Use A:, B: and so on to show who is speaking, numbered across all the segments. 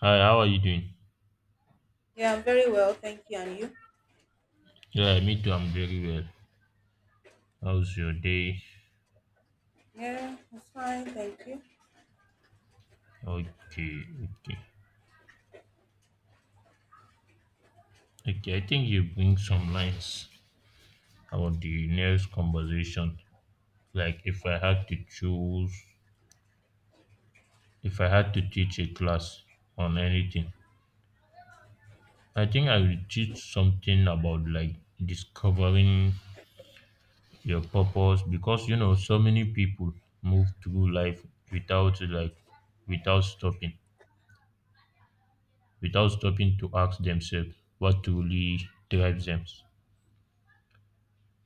A: Hi, how are you doing?
B: Yeah, I'm very well, thank you. And you?
A: Yeah, me too. I'm very well. How's your day?
B: Yeah, it's fine, thank you.
A: Okay, okay. Okay, I think you bring some lines about the next conversation. Like if I had to choose, if I had to teach a class on anything, I think I will teach something about like discovering your purpose because you know so many people move through life without like without stopping, without stopping to ask themselves what truly drives them.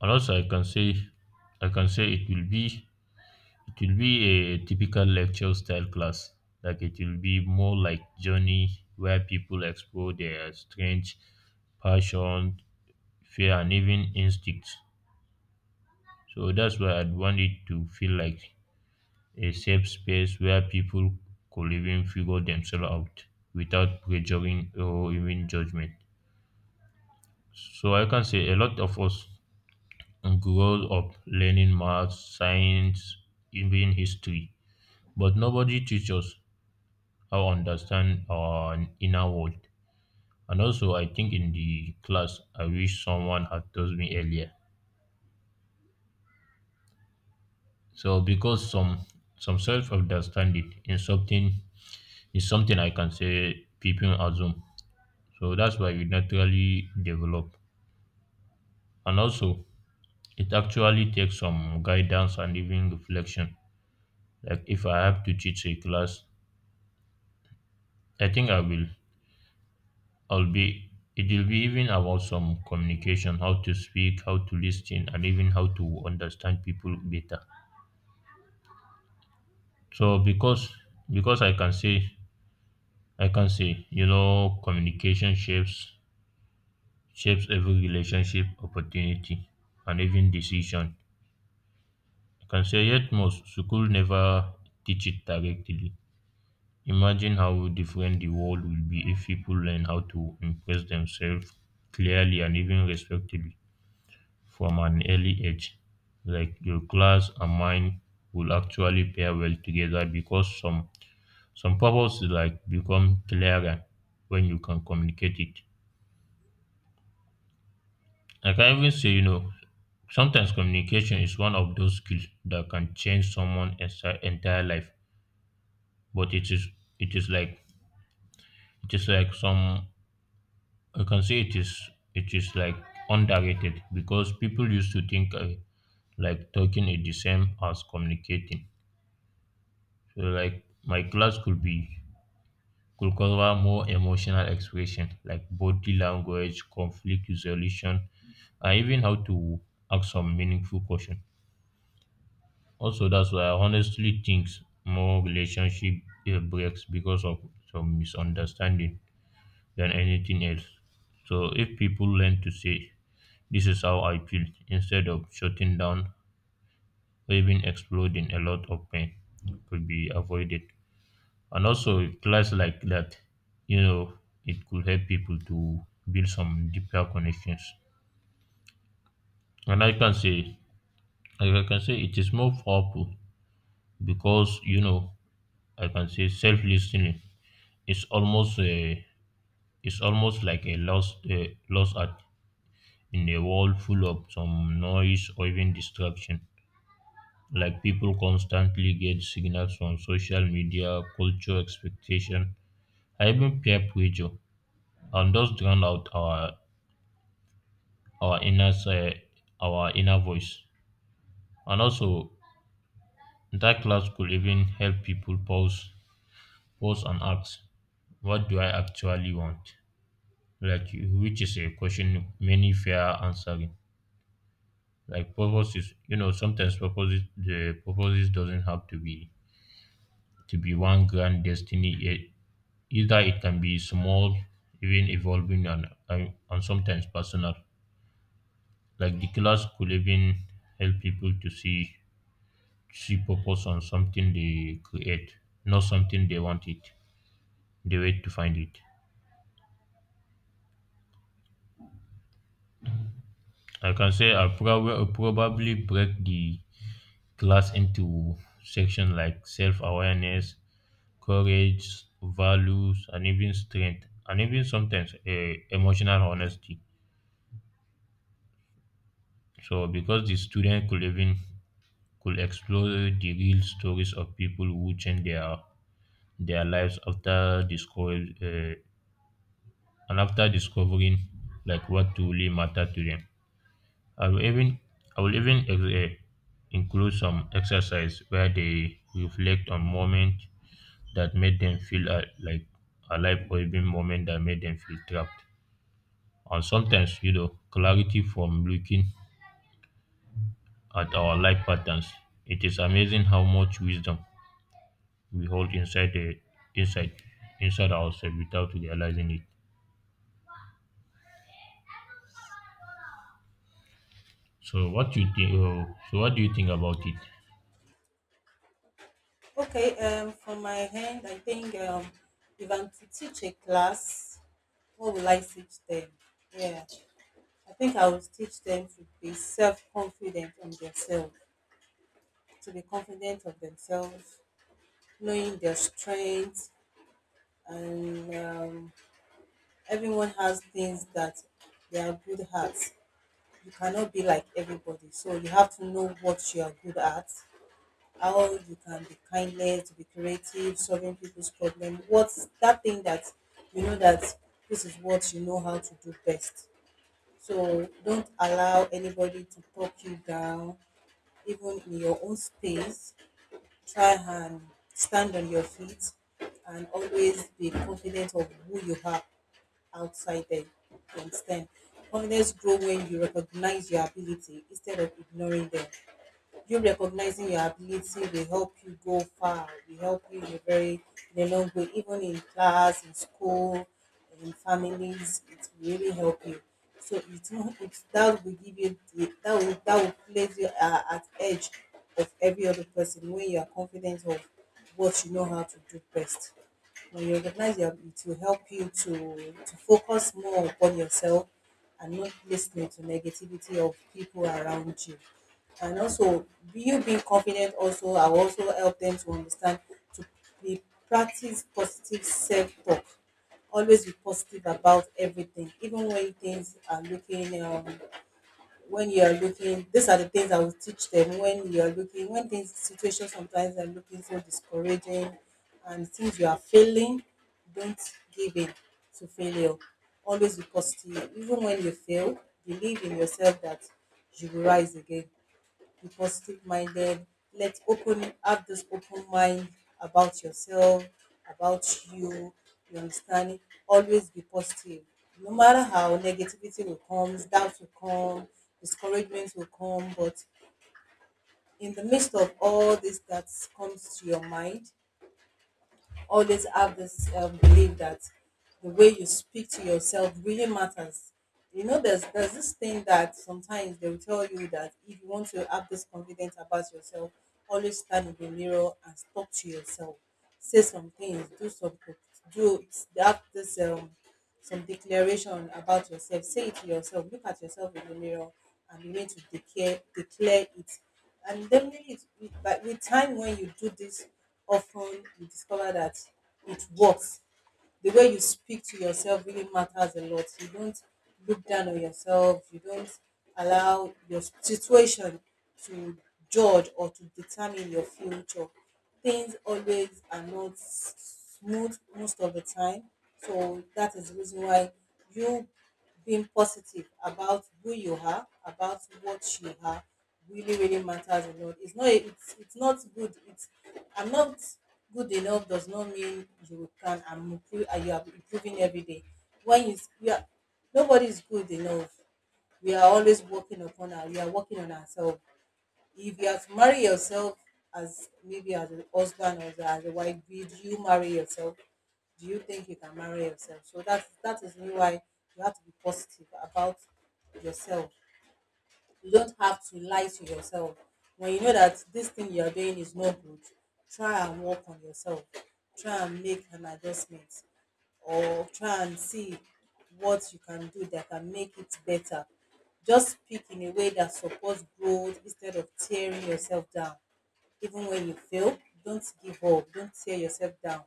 A: And also I can say it will be a typical lecture style class. Like it will be more like journey where people explore their strange passion, fear and even instincts. So that's why I'd want it to feel like a safe space where people could even figure themselves out without pressuring or even judgment. So I can say a lot of us grow up learning math, science, even history, but nobody teaches us how to understand our inner world. And also, I think in the class, I wish someone had told me earlier. So, because some self understanding in something is something I can say people assume. So that's why we naturally develop. And also, it actually takes some guidance and even reflection. Like if I have to teach a class, I think I will I'll be it will be even about some communication, how to speak, how to listen, and even how to understand people better. So because I can say you know communication shapes every relationship, opportunity, and even decision. I can say yet most school never teach it directly. Imagine how different the world will be if people learn how to express themselves clearly and even respectfully from an early age. Like your class and mine will actually pair well together because some purposes like become clearer when you can communicate it. Like, I can even say, you know, sometimes communication is one of those skills that can change entire life. But it is like it is like some I can say it is like underrated because people used to think like talking is the same as communicating. So, like my class could cover more emotional expression like body language, conflict resolution, and even how to ask some meaningful question. Also, that's why I honestly think more relationship breaks because of some misunderstanding than anything else. So if people learn to say, "This is how I feel," instead of shutting down or even exploding, a lot of pain could be avoided. And also, with class like that, you know, it could help people to build some deeper connections. And I can say it is more powerful because you know, I can say self listening is almost it's almost like a lost art in a world full of some noise or even distraction. Like people constantly get signals from social media, culture, expectation, and even peer pressure, and those drown out our inner se- our inner voice. And also, that class could even help people pause and ask, "What do I actually want?" Like, which is a question many fear answering. Like purposes, you know, sometimes purposes doesn't have to be one grand destiny. Either it can be small, even evolving, and sometimes personal. Like the class could even help people to see purpose on something they create, not something they want it. They wait to find it. Like I can say probably break the class into sections like self awareness, courage, values, and even strength, and even sometimes emotional honesty. So, because the student could even could explore the real stories of people who change their lives after discovering like what truly matter to them. I will even i will even ex- eh, include some exercise where they reflect on moments that made them feel like alive, or even moment that made them feel trapped. And sometimes, you know, clarity from looking at our life patterns, it is amazing how much wisdom we hold inside the inside inside ourselves without realizing it. So what do you think about it?
B: Okay, from my hand, I think if I'm to teach a class, what will I teach them? Yeah, I think I will teach them to be self-confident on themselves, to be confident of themselves, knowing their strengths, and everyone has things that they are good at. You cannot be like everybody, so you have to know what you are good at, how you can be kindness, be creative, solving people's problem. What's that thing that you know that this is what you know how to do best. So don't allow anybody to talk you down, even in your own space. Try and stand on your feet and always be confident of who you are outside there. You understand? Confidence grow when you recognize your ability instead of ignoring them. You recognizing your ability will help you go far, will help you in a very in a long way, even in class, in school, in families, it will really help you. So it will, it that will give you the, that will place you at edge of every other person when you are confident of what you know how to do best. When you recognize your, it will help you to focus more upon yourself and not listening to negativity of people around you. And also, you being confident also, I will also help them to understand to be, practice positive self talk. Always be positive about everything, even when things are looking when you are looking, these are the things I will teach them. When you are looking, when things, situations sometimes are looking so discouraging and things you are failing, don't give in to failure. Always be positive, even when you fail, believe in yourself that you will rise again, be positive minded. Let's open, have this open mind about yourself, about you. You understand? Always be positive. No matter how negativity will come, doubt will come, discouragement will come, but in the midst of all this that comes to your mind, always have this belief that the way you speak to yourself really matters. You know, there's this thing that sometimes they will tell you that if you want to have this confidence about yourself, always stand in the mirror and talk to yourself, say some things, do some, do, they have this some declaration about yourself. Say it to yourself. Look at yourself in the mirror and begin to declare it. And definitely, but with time, when you do this often, you discover that it works. The way you speak to yourself really matters a lot. You don't look down on yourself. You don't allow your situation to judge or to determine your future. Things always are not smooth most of the time. So that is the reason why you being positive about who you are, about what you are, really, really matters a lot. It's not, it's not good. It's, I'm not good enough does not mean you can, I'm improve, you are improving every day. When you, we are, nobody is good enough. We are always working upon our, we are working on ourselves. If you have to marry yourself as, maybe as a husband or as a wife, did you marry yourself? Do you think you can marry yourself? So that's, that is really why you have to be positive about yourself. You don't have to lie to yourself. When you know that this thing you are doing is not good, try and work on yourself. Try and make an adjustment or try and see what you can do that can make it better. Just speak in a way that supports growth instead of tearing yourself down. Even when you fail, don't give up, don't tear yourself down.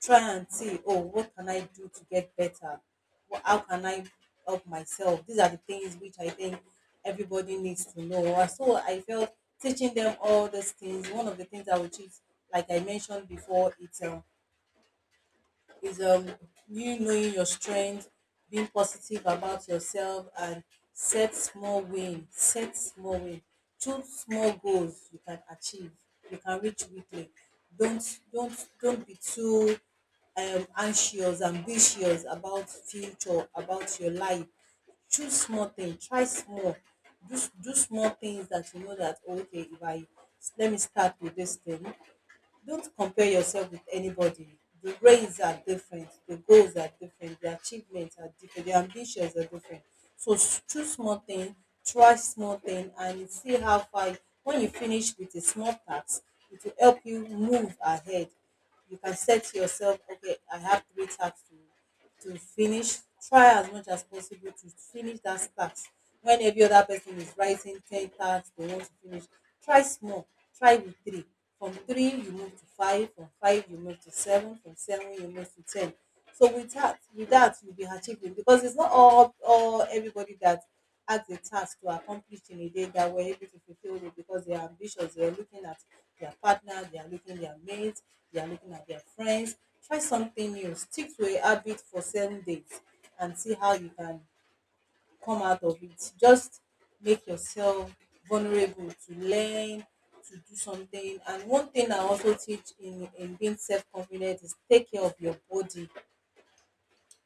B: Try and see, oh, what can I do to get better? How can I help myself? These are the things which I think everybody needs to know. And so I felt teaching them all these things. One of the things I would teach, like I mentioned before, it's is you knowing your strength, being positive about yourself, and set small win set small win, choose small goals you can achieve, you can reach weekly. Don't be too anxious, ambitious about future, about your life. Choose small things. Try small, do small things that you know that, oh, okay, if I let me start with this thing. Don't compare yourself with anybody. The grades are different, the goals are different, the achievements are different, the ambitions are different. So choose small thing, try small thing, and see how far. When you finish with a small task, it will help you move ahead. You can set yourself, okay, I have three tasks to finish. Try as much as possible to finish that task. When every other person is writing ten tasks they want to finish, try small, try with three. From three you move to five, from five you move to seven, from seven you move to ten. So with that, with that you be achieving, because it's not all, everybody that asked a task to accomplish in a day that were able to fulfill it, because they are ambitious. They are looking at their partner, they are looking at their mates, they are looking at their friends. Try something new. Stick to a habit for 7 days and see how you can come out of it. Just make yourself vulnerable to learn, to do something. And one thing I also teach in, being self confident is take care of your body.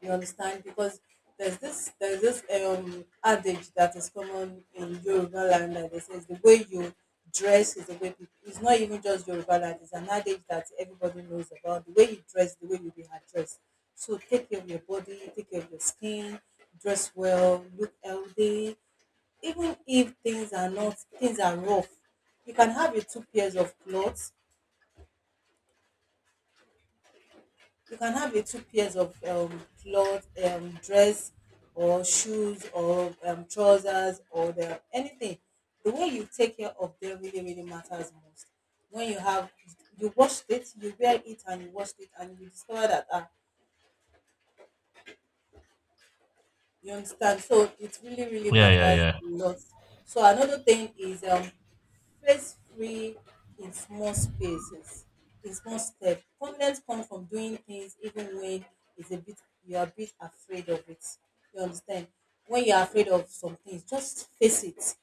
B: You understand? Because there's this adage that is common in Yoruba land, that they says the way you dress is the way people, it's not even just Yoruba land, it's an adage that everybody knows about. The way you dress, the way you be addressed. So take care of your body, take care of your skin, dress well, look healthy. Even if things are not, things are rough, you can have your two pairs of clothes. You can have a two pairs of clothes, dress, or shoes, or trousers, or the anything. The way you take care of them really, really matters most. When you have, you washed it, you wear it, and you washed it, and you discover that, ah, you understand. So it really, really
A: Yeah, yeah,
B: matters a
A: yeah.
B: lot. So another thing is, stress free in small spaces, in small steps. Confidence comes from doing things even when it's a bit, you are a bit afraid of it. You understand? When you are afraid of some things, just face it.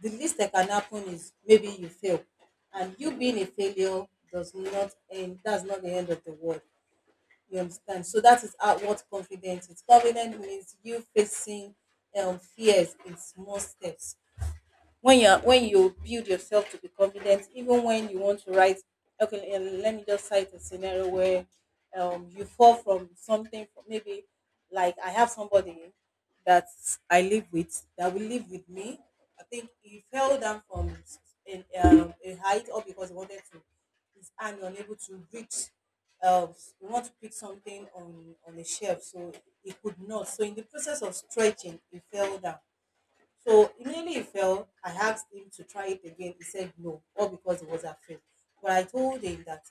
B: The least that can happen is maybe you fail. And you being a failure does not end, that's not the end of the world. You understand? So that is how, what confidence is. Confidence means you facing fears in small steps. When you're, when you build yourself to be confident, even when you want to write, okay, let me just cite a scenario where you fall from something. From maybe, like, I have somebody that I live with, that will live with me, I think he fell down from in, a height, or because he wanted to, his hand unable to reach, um he want to pick something on the shelf, so he could not. So in the process of stretching he fell down. So immediately he fell, I asked him to try it again. He said no, all because he was afraid. But I told him that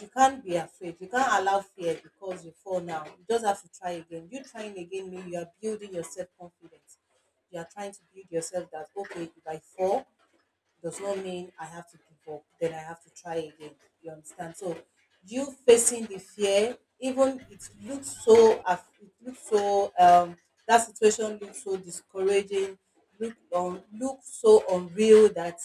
B: you can't be afraid. You can't allow fear because you fall now. You just have to try again. You trying again means you are building your self confidence. You are trying to build yourself that, okay, if I fall, does not mean I have to give up, then I have to try again. You understand? So you facing the fear, even it looks so it looks so that situation looks so discouraging, look look so unreal that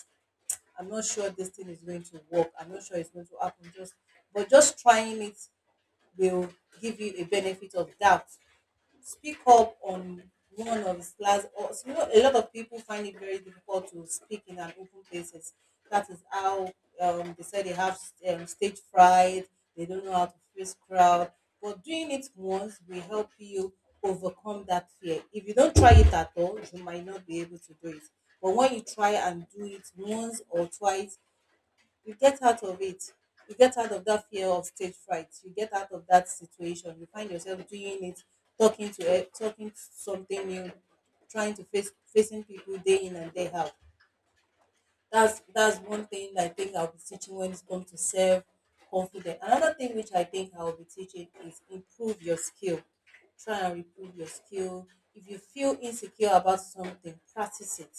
B: I'm not sure this thing is going to work. I'm not sure it's going to happen. Just trying it will give you a benefit of doubt. Speak up on one of his class or so. You know, a lot of people find it very difficult to speak in an open places. That is how they say they have stage fright. They don't know how to face crowd, but doing it once will help you overcome that fear. If you don't try it at all you might not be able to do it, but when you try and do it once or twice you get out of it. You get out of that fear of stage fright, you get out of that situation, you find yourself doing it, talking to talking to something new, trying to face facing people day in and day out. That's one thing I think I'll be teaching when it's come to self confidence. Another thing which I think I'll be teaching is improve your skill. Try and improve your skill. If you feel insecure about something, practice it,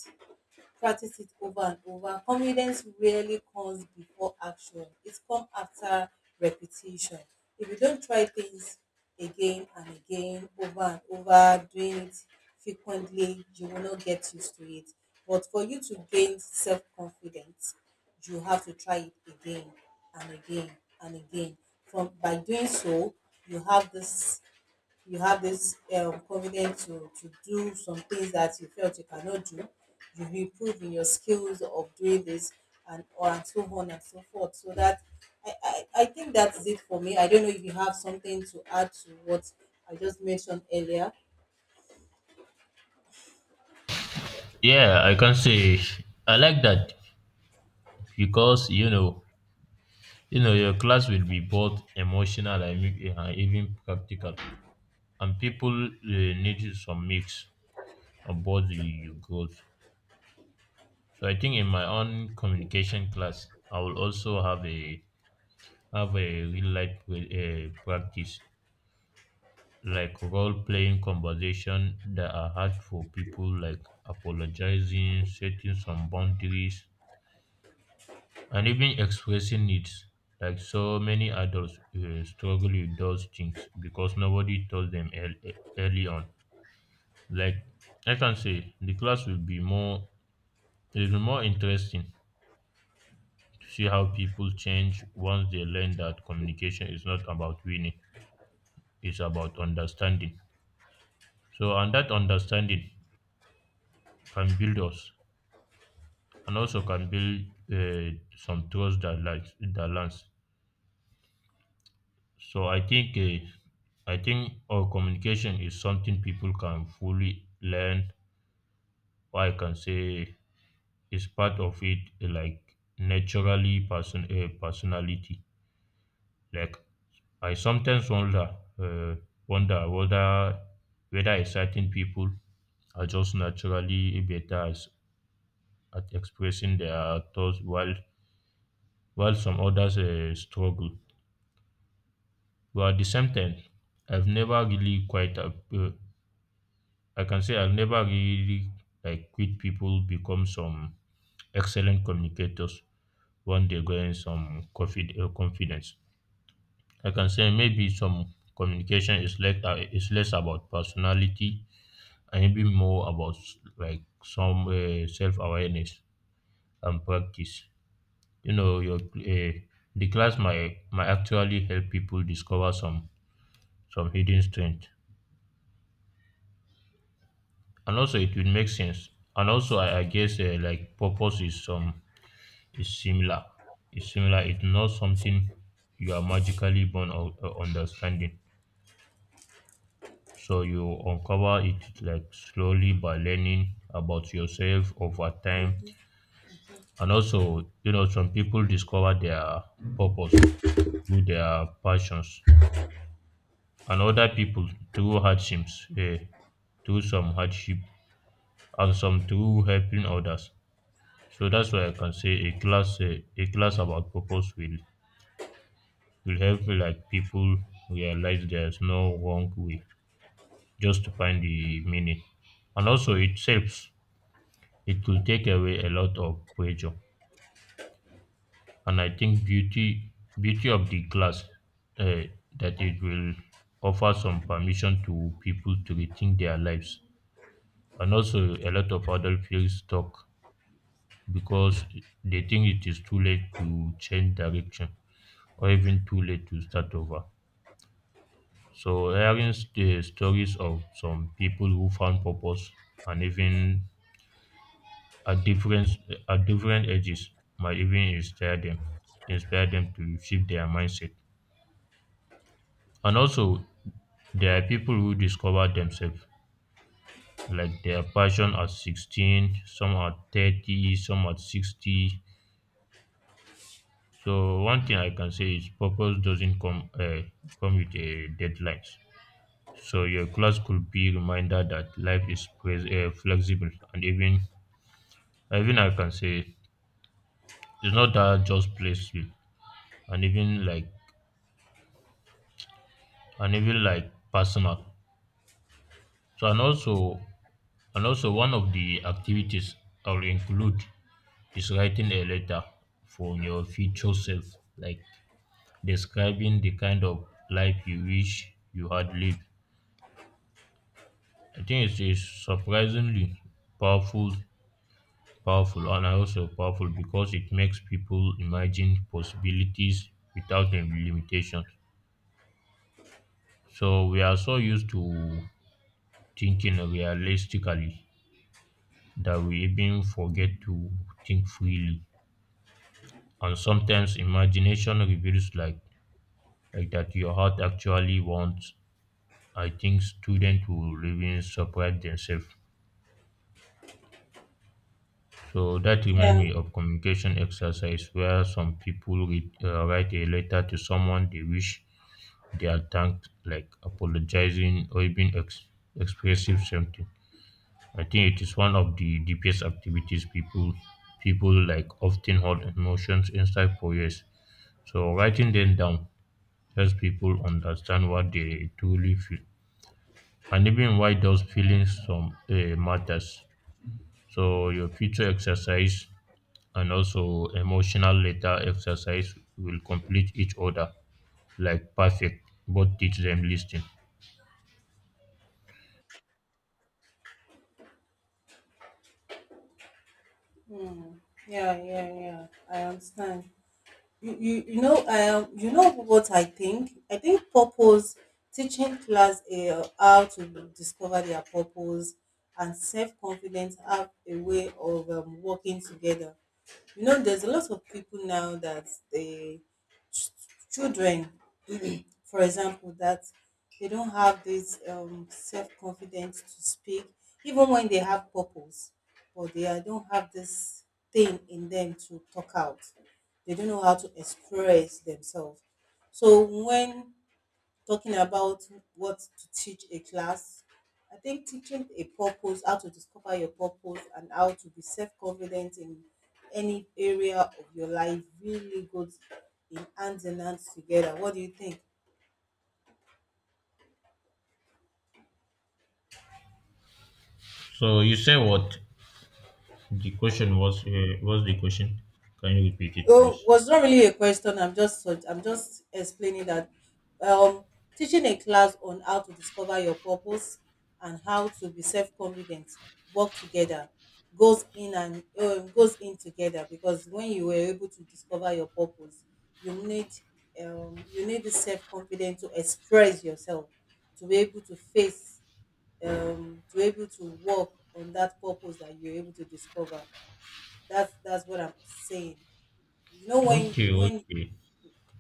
B: practice it over and over. Confidence rarely comes before action, it comes after repetition. If you don't try things again and again, over and over, doing it frequently, you will not get used to it. But for you to gain self confidence, you have to try it again and again and again. From by doing so, you have this confidence to do some things that you felt you cannot do. You improve in your skills of doing this and or and so on and so forth. So that I think that's it for me. I don't know if you have something to add to what I just mentioned earlier.
A: Yeah, I can say I like that because you know, your class will be both emotional and even practical, and people need some mix of both the your goals. So I think in my own communication class, I will also have a real life practice, like role playing conversation that are hard for people, like apologizing, setting some boundaries, and even expressing needs. Like so many adults struggle with those things because nobody taught them early on. Like I can say, the class will be more it'll be more interesting to see how people change once they learn that communication is not about winning; it's about understanding. So, and that understanding can build us, and also can build some trust that lies that lands. So I think our communication is something people can fully learn. Or I can say is part of it, like naturally personality. Like I sometimes wonder uh, wonder whether whether a certain people are just naturally better at expressing their thoughts while some others struggle. But at the same time, I've never really quite uh, uh, I can say I've never really like quit people become some excellent communicators when they gain confidence. I can say maybe some communication is like is less about personality, and maybe more about s- like some self awareness and practice. You know, your the class might actually help people discover some hidden strength, and also it will make sense. And also, I guess like purpose is some is similar. is similar. It's not something you are magically born of understanding. So you uncover it like slowly by learning about yourself over time,
B: Mhm.
A: and also you know some people discover their purpose through their passions, and other people through some hardship, and some through helping others. So that's why I can say a class about purpose will help like people realize there's no wrong way just to find the meaning. And also it helps, it will take away a lot of pressure. And I think beauty of the class, uh, that it will offer some permission to people to rethink their lives. And also, a lot of adults feel stuck because they think it is too late to change direction, or even too late to start over. So, hearing the stories of some people who found purpose and even at different at different ages might even inspire them to shift their mindset. And also, there are people who discover themselves, like their passion at 16, some at 30, some at 60. So, one thing I can say is purpose doesn't come with a deadlines. So your class could be reminder that life is flexible, and even and even I can say it's not that just playful and even like and even like personal. So and also one of the activities I'll include is writing a letter for your future self, like describing the kind of life you wish you had lived. I think it's surprisingly powerful, and also powerful because it makes people imagine possibilities without any limitations. So we are so used to thinking realistically that we even forget to think freely. And sometimes imagination reveals like that your heart actually wants. I think students will even surprise themselves. So that reminds
B: Yeah.
A: me of communication exercise where some people write a letter to someone they wish they had thanked, like apologizing or even expressive something. I think it is one of the deepest activities people like often hold emotions inside for years. So writing them down helps people understand what they truly feel, and even why those feelings some matters. So your future exercise and also emotional letter exercise will complete each other like perfect. Both teach them listening.
B: Hmm. Yeah, yeah, yeah, I understand. You know what I think, I think purpose teaching class, how to discover their purpose and self-confidence have a way of working together. You know, there's a lot of people now that the ch- children, for example, that they don't have this self confidence to speak, even when they have purpose, but they are- don't have this thing in them to talk out. They don't know how to express themselves. So, when talking about what to teach a class, I think teaching a purpose, how to discover your purpose, and how to be self confident in any area of your life really goes in hands and hands together. What do you think?
A: So you say what? The question was the question? Can you repeat it,
B: Well,
A: please?
B: was not really a question. I'm just I'm just explaining that um, teaching a class on how to discover your purpose and how to be self-confident work together, goes in and goes in together, because when you were able to discover your purpose, you need you need the self-confidence to express yourself, to be able to face to be able to work on that purpose that you're able to discover. That's what I'm saying. You know
A: Okay,
B: when
A: okay.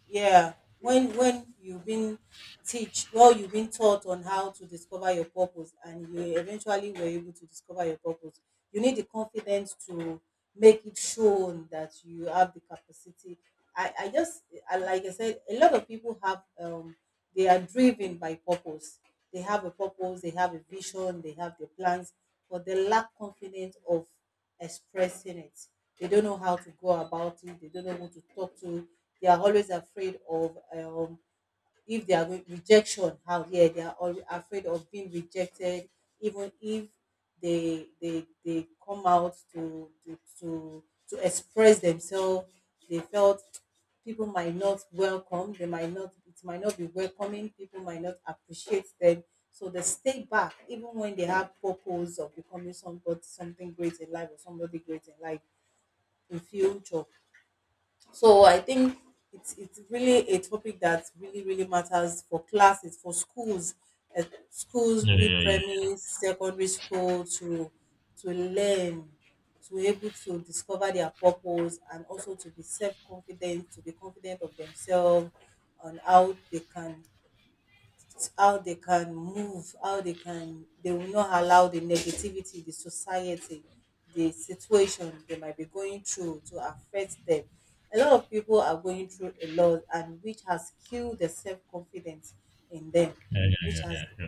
B: Yeah. When you've been teach, well, you've been taught on how to discover your purpose, and you eventually were able to discover your purpose, you need the confidence to make it shown that you have the capacity. i i just like I said, a lot of people have um, they are driven by purpose, they have a purpose, they have a vision, they have their plans, but they lack confidence of expressing it. They don't know how to go about it, they don't know who to talk to. They are always afraid of if they are going rejection how. Yeah, they are always afraid of being rejected. Even if they come out to express themselves, they felt people might not welcome, they might not, it might not be welcoming, people might not appreciate them, so they stay back even when they have purpose of becoming somebody something great in life, or somebody great in life in future. So I think it's really a topic that really really matters for classes, for schools, uh, schools,
A: Yeah,
B: be
A: yeah, yeah, yeah,
B: premise, secondary school to learn, to be able to discover their purpose and also to be self confident, to be confident of themselves on how they can move, how they can, they will not allow the negativity, the society, the situation they might be going through to affect them. A lot of people are going through a lot, and which has killed the self confidence in them,
A: yeah, yeah,
B: which
A: yeah,
B: has
A: yeah, yeah.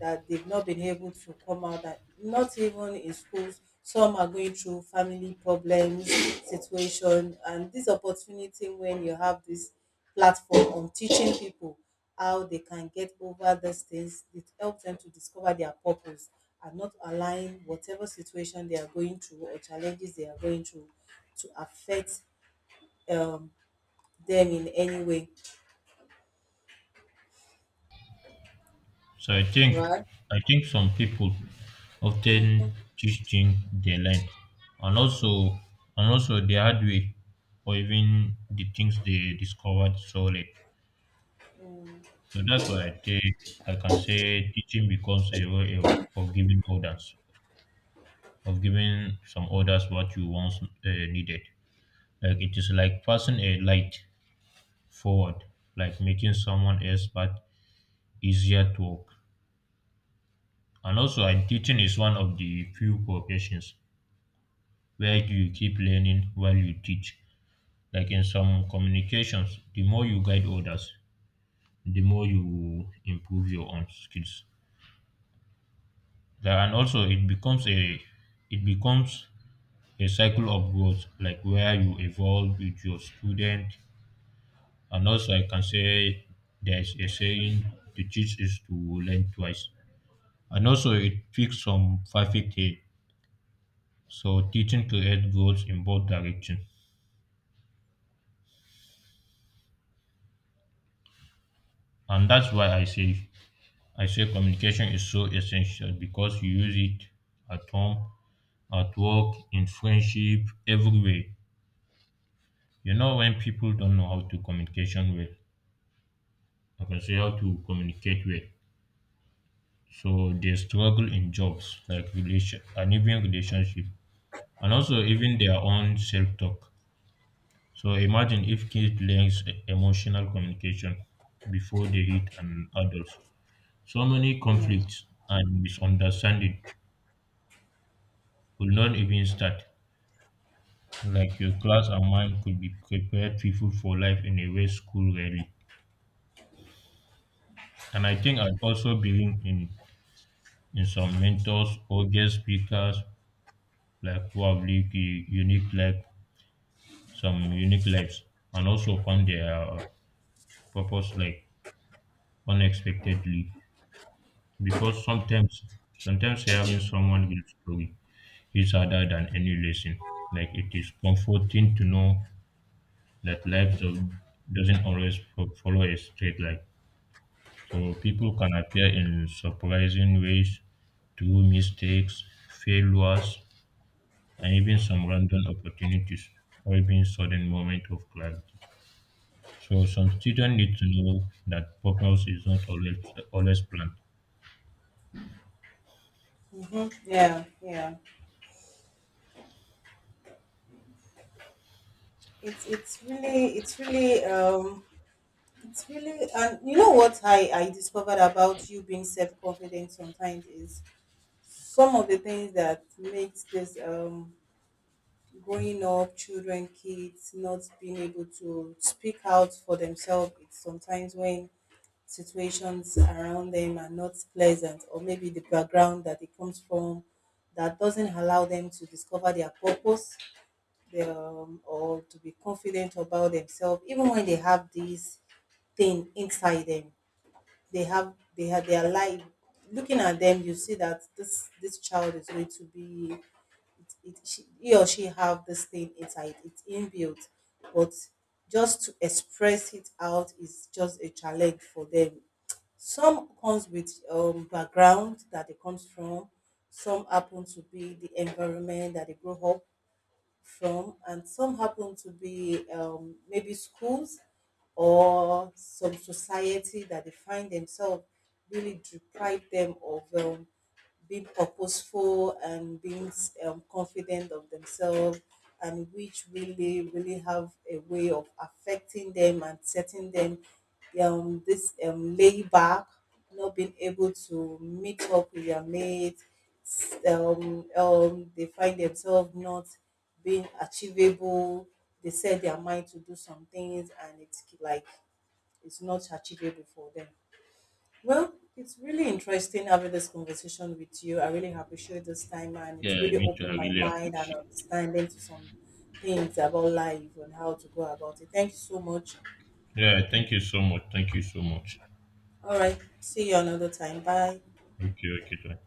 B: that they've not been able to come out, that not even in schools. Some are going through family problems situation, and this opportunity when you have this platform on teaching people how they can get over these things, it helps them to discover their purpose, and not allowing whatever situation they are going through or challenges they are going through to affect um, them in any way.
A: So
B: Right.
A: I think some people often teach things they learn, and also, and also the hard way, or even the things they discovered so late. So that's why I think I can say teaching becomes a way of giving orders, of giving some orders what you once needed. Like it is like passing a light forward, like making someone else part easier to work. And also, and teaching is one of the few professions where you keep learning while you teach. Like in some communications, the more you guide others, the more you improve your own skills. And also, it becomes a cycle of growth, like where you evolve with your student. And also, I can say there's a saying: "To teach is to learn twice." And also, it fixes some perfect. So teaching creates goals in both directions. And that's why I say communication is so essential because you use it at home, at work, in friendship, everywhere. You know when people don't know how to communication well, I can say how to communicate well. So they struggle in jobs like relation and even relationship, and also even their own self-talk. So imagine if kids learns emotional communication before they hit an adult. So many conflicts and misunderstanding will not even start. Like your class and mine could be prepared people for life in a way school rarely. And I think I also believe in some mentors or guest speakers like who have lived some unique lives, and also found their purpose like unexpectedly. Because sometimes hearing someone else's story is harder than any lesson. Like it is comforting to know that doesn't always follow a straight line. So people can appear in surprising ways through mistakes, failures, and even some random opportunities, or even sudden moment of clarity. So some students need to know that purpose is not always planned.
B: Hmm. Yeah, yeah, it's really it's really um, it's really, and you know what, I discovered about you being self confident sometimes is some of the things that makes this um, growing up children kids not being able to speak out for themselves. It's sometimes when situations around them are not pleasant, or maybe the background that it comes from, that doesn't allow them to discover their purpose, their, or to be confident about themselves even when they have this thing inside them. They have their life looking at them. You see that this child is going to be it, she, he or she have this thing inside, it's inbuilt, but just to express it out is just a challenge for them. Some comes with background that they comes from, some happen to be the environment that they grow up from, and some happen to be maybe schools or some society that they find themselves, really deprive them of be purposeful and being confident of themselves, and which really really have a way of affecting them and setting them this lay back, not being able to meet up with their mates. They find themselves not being achievable. They set their mind to do some things and it's like it's not achievable for them. Well, it's really interesting having this conversation with you. I really appreciate this time, and it's
A: Yeah,
B: really
A: me too. I
B: opened my
A: really
B: mind and
A: appreciate.
B: understanding to some things about life and how to go about it. Thank you so much.
A: Yeah, thank you so much. Thank you so much.
B: All right. See you another time. Bye.
A: Okay, okay, thank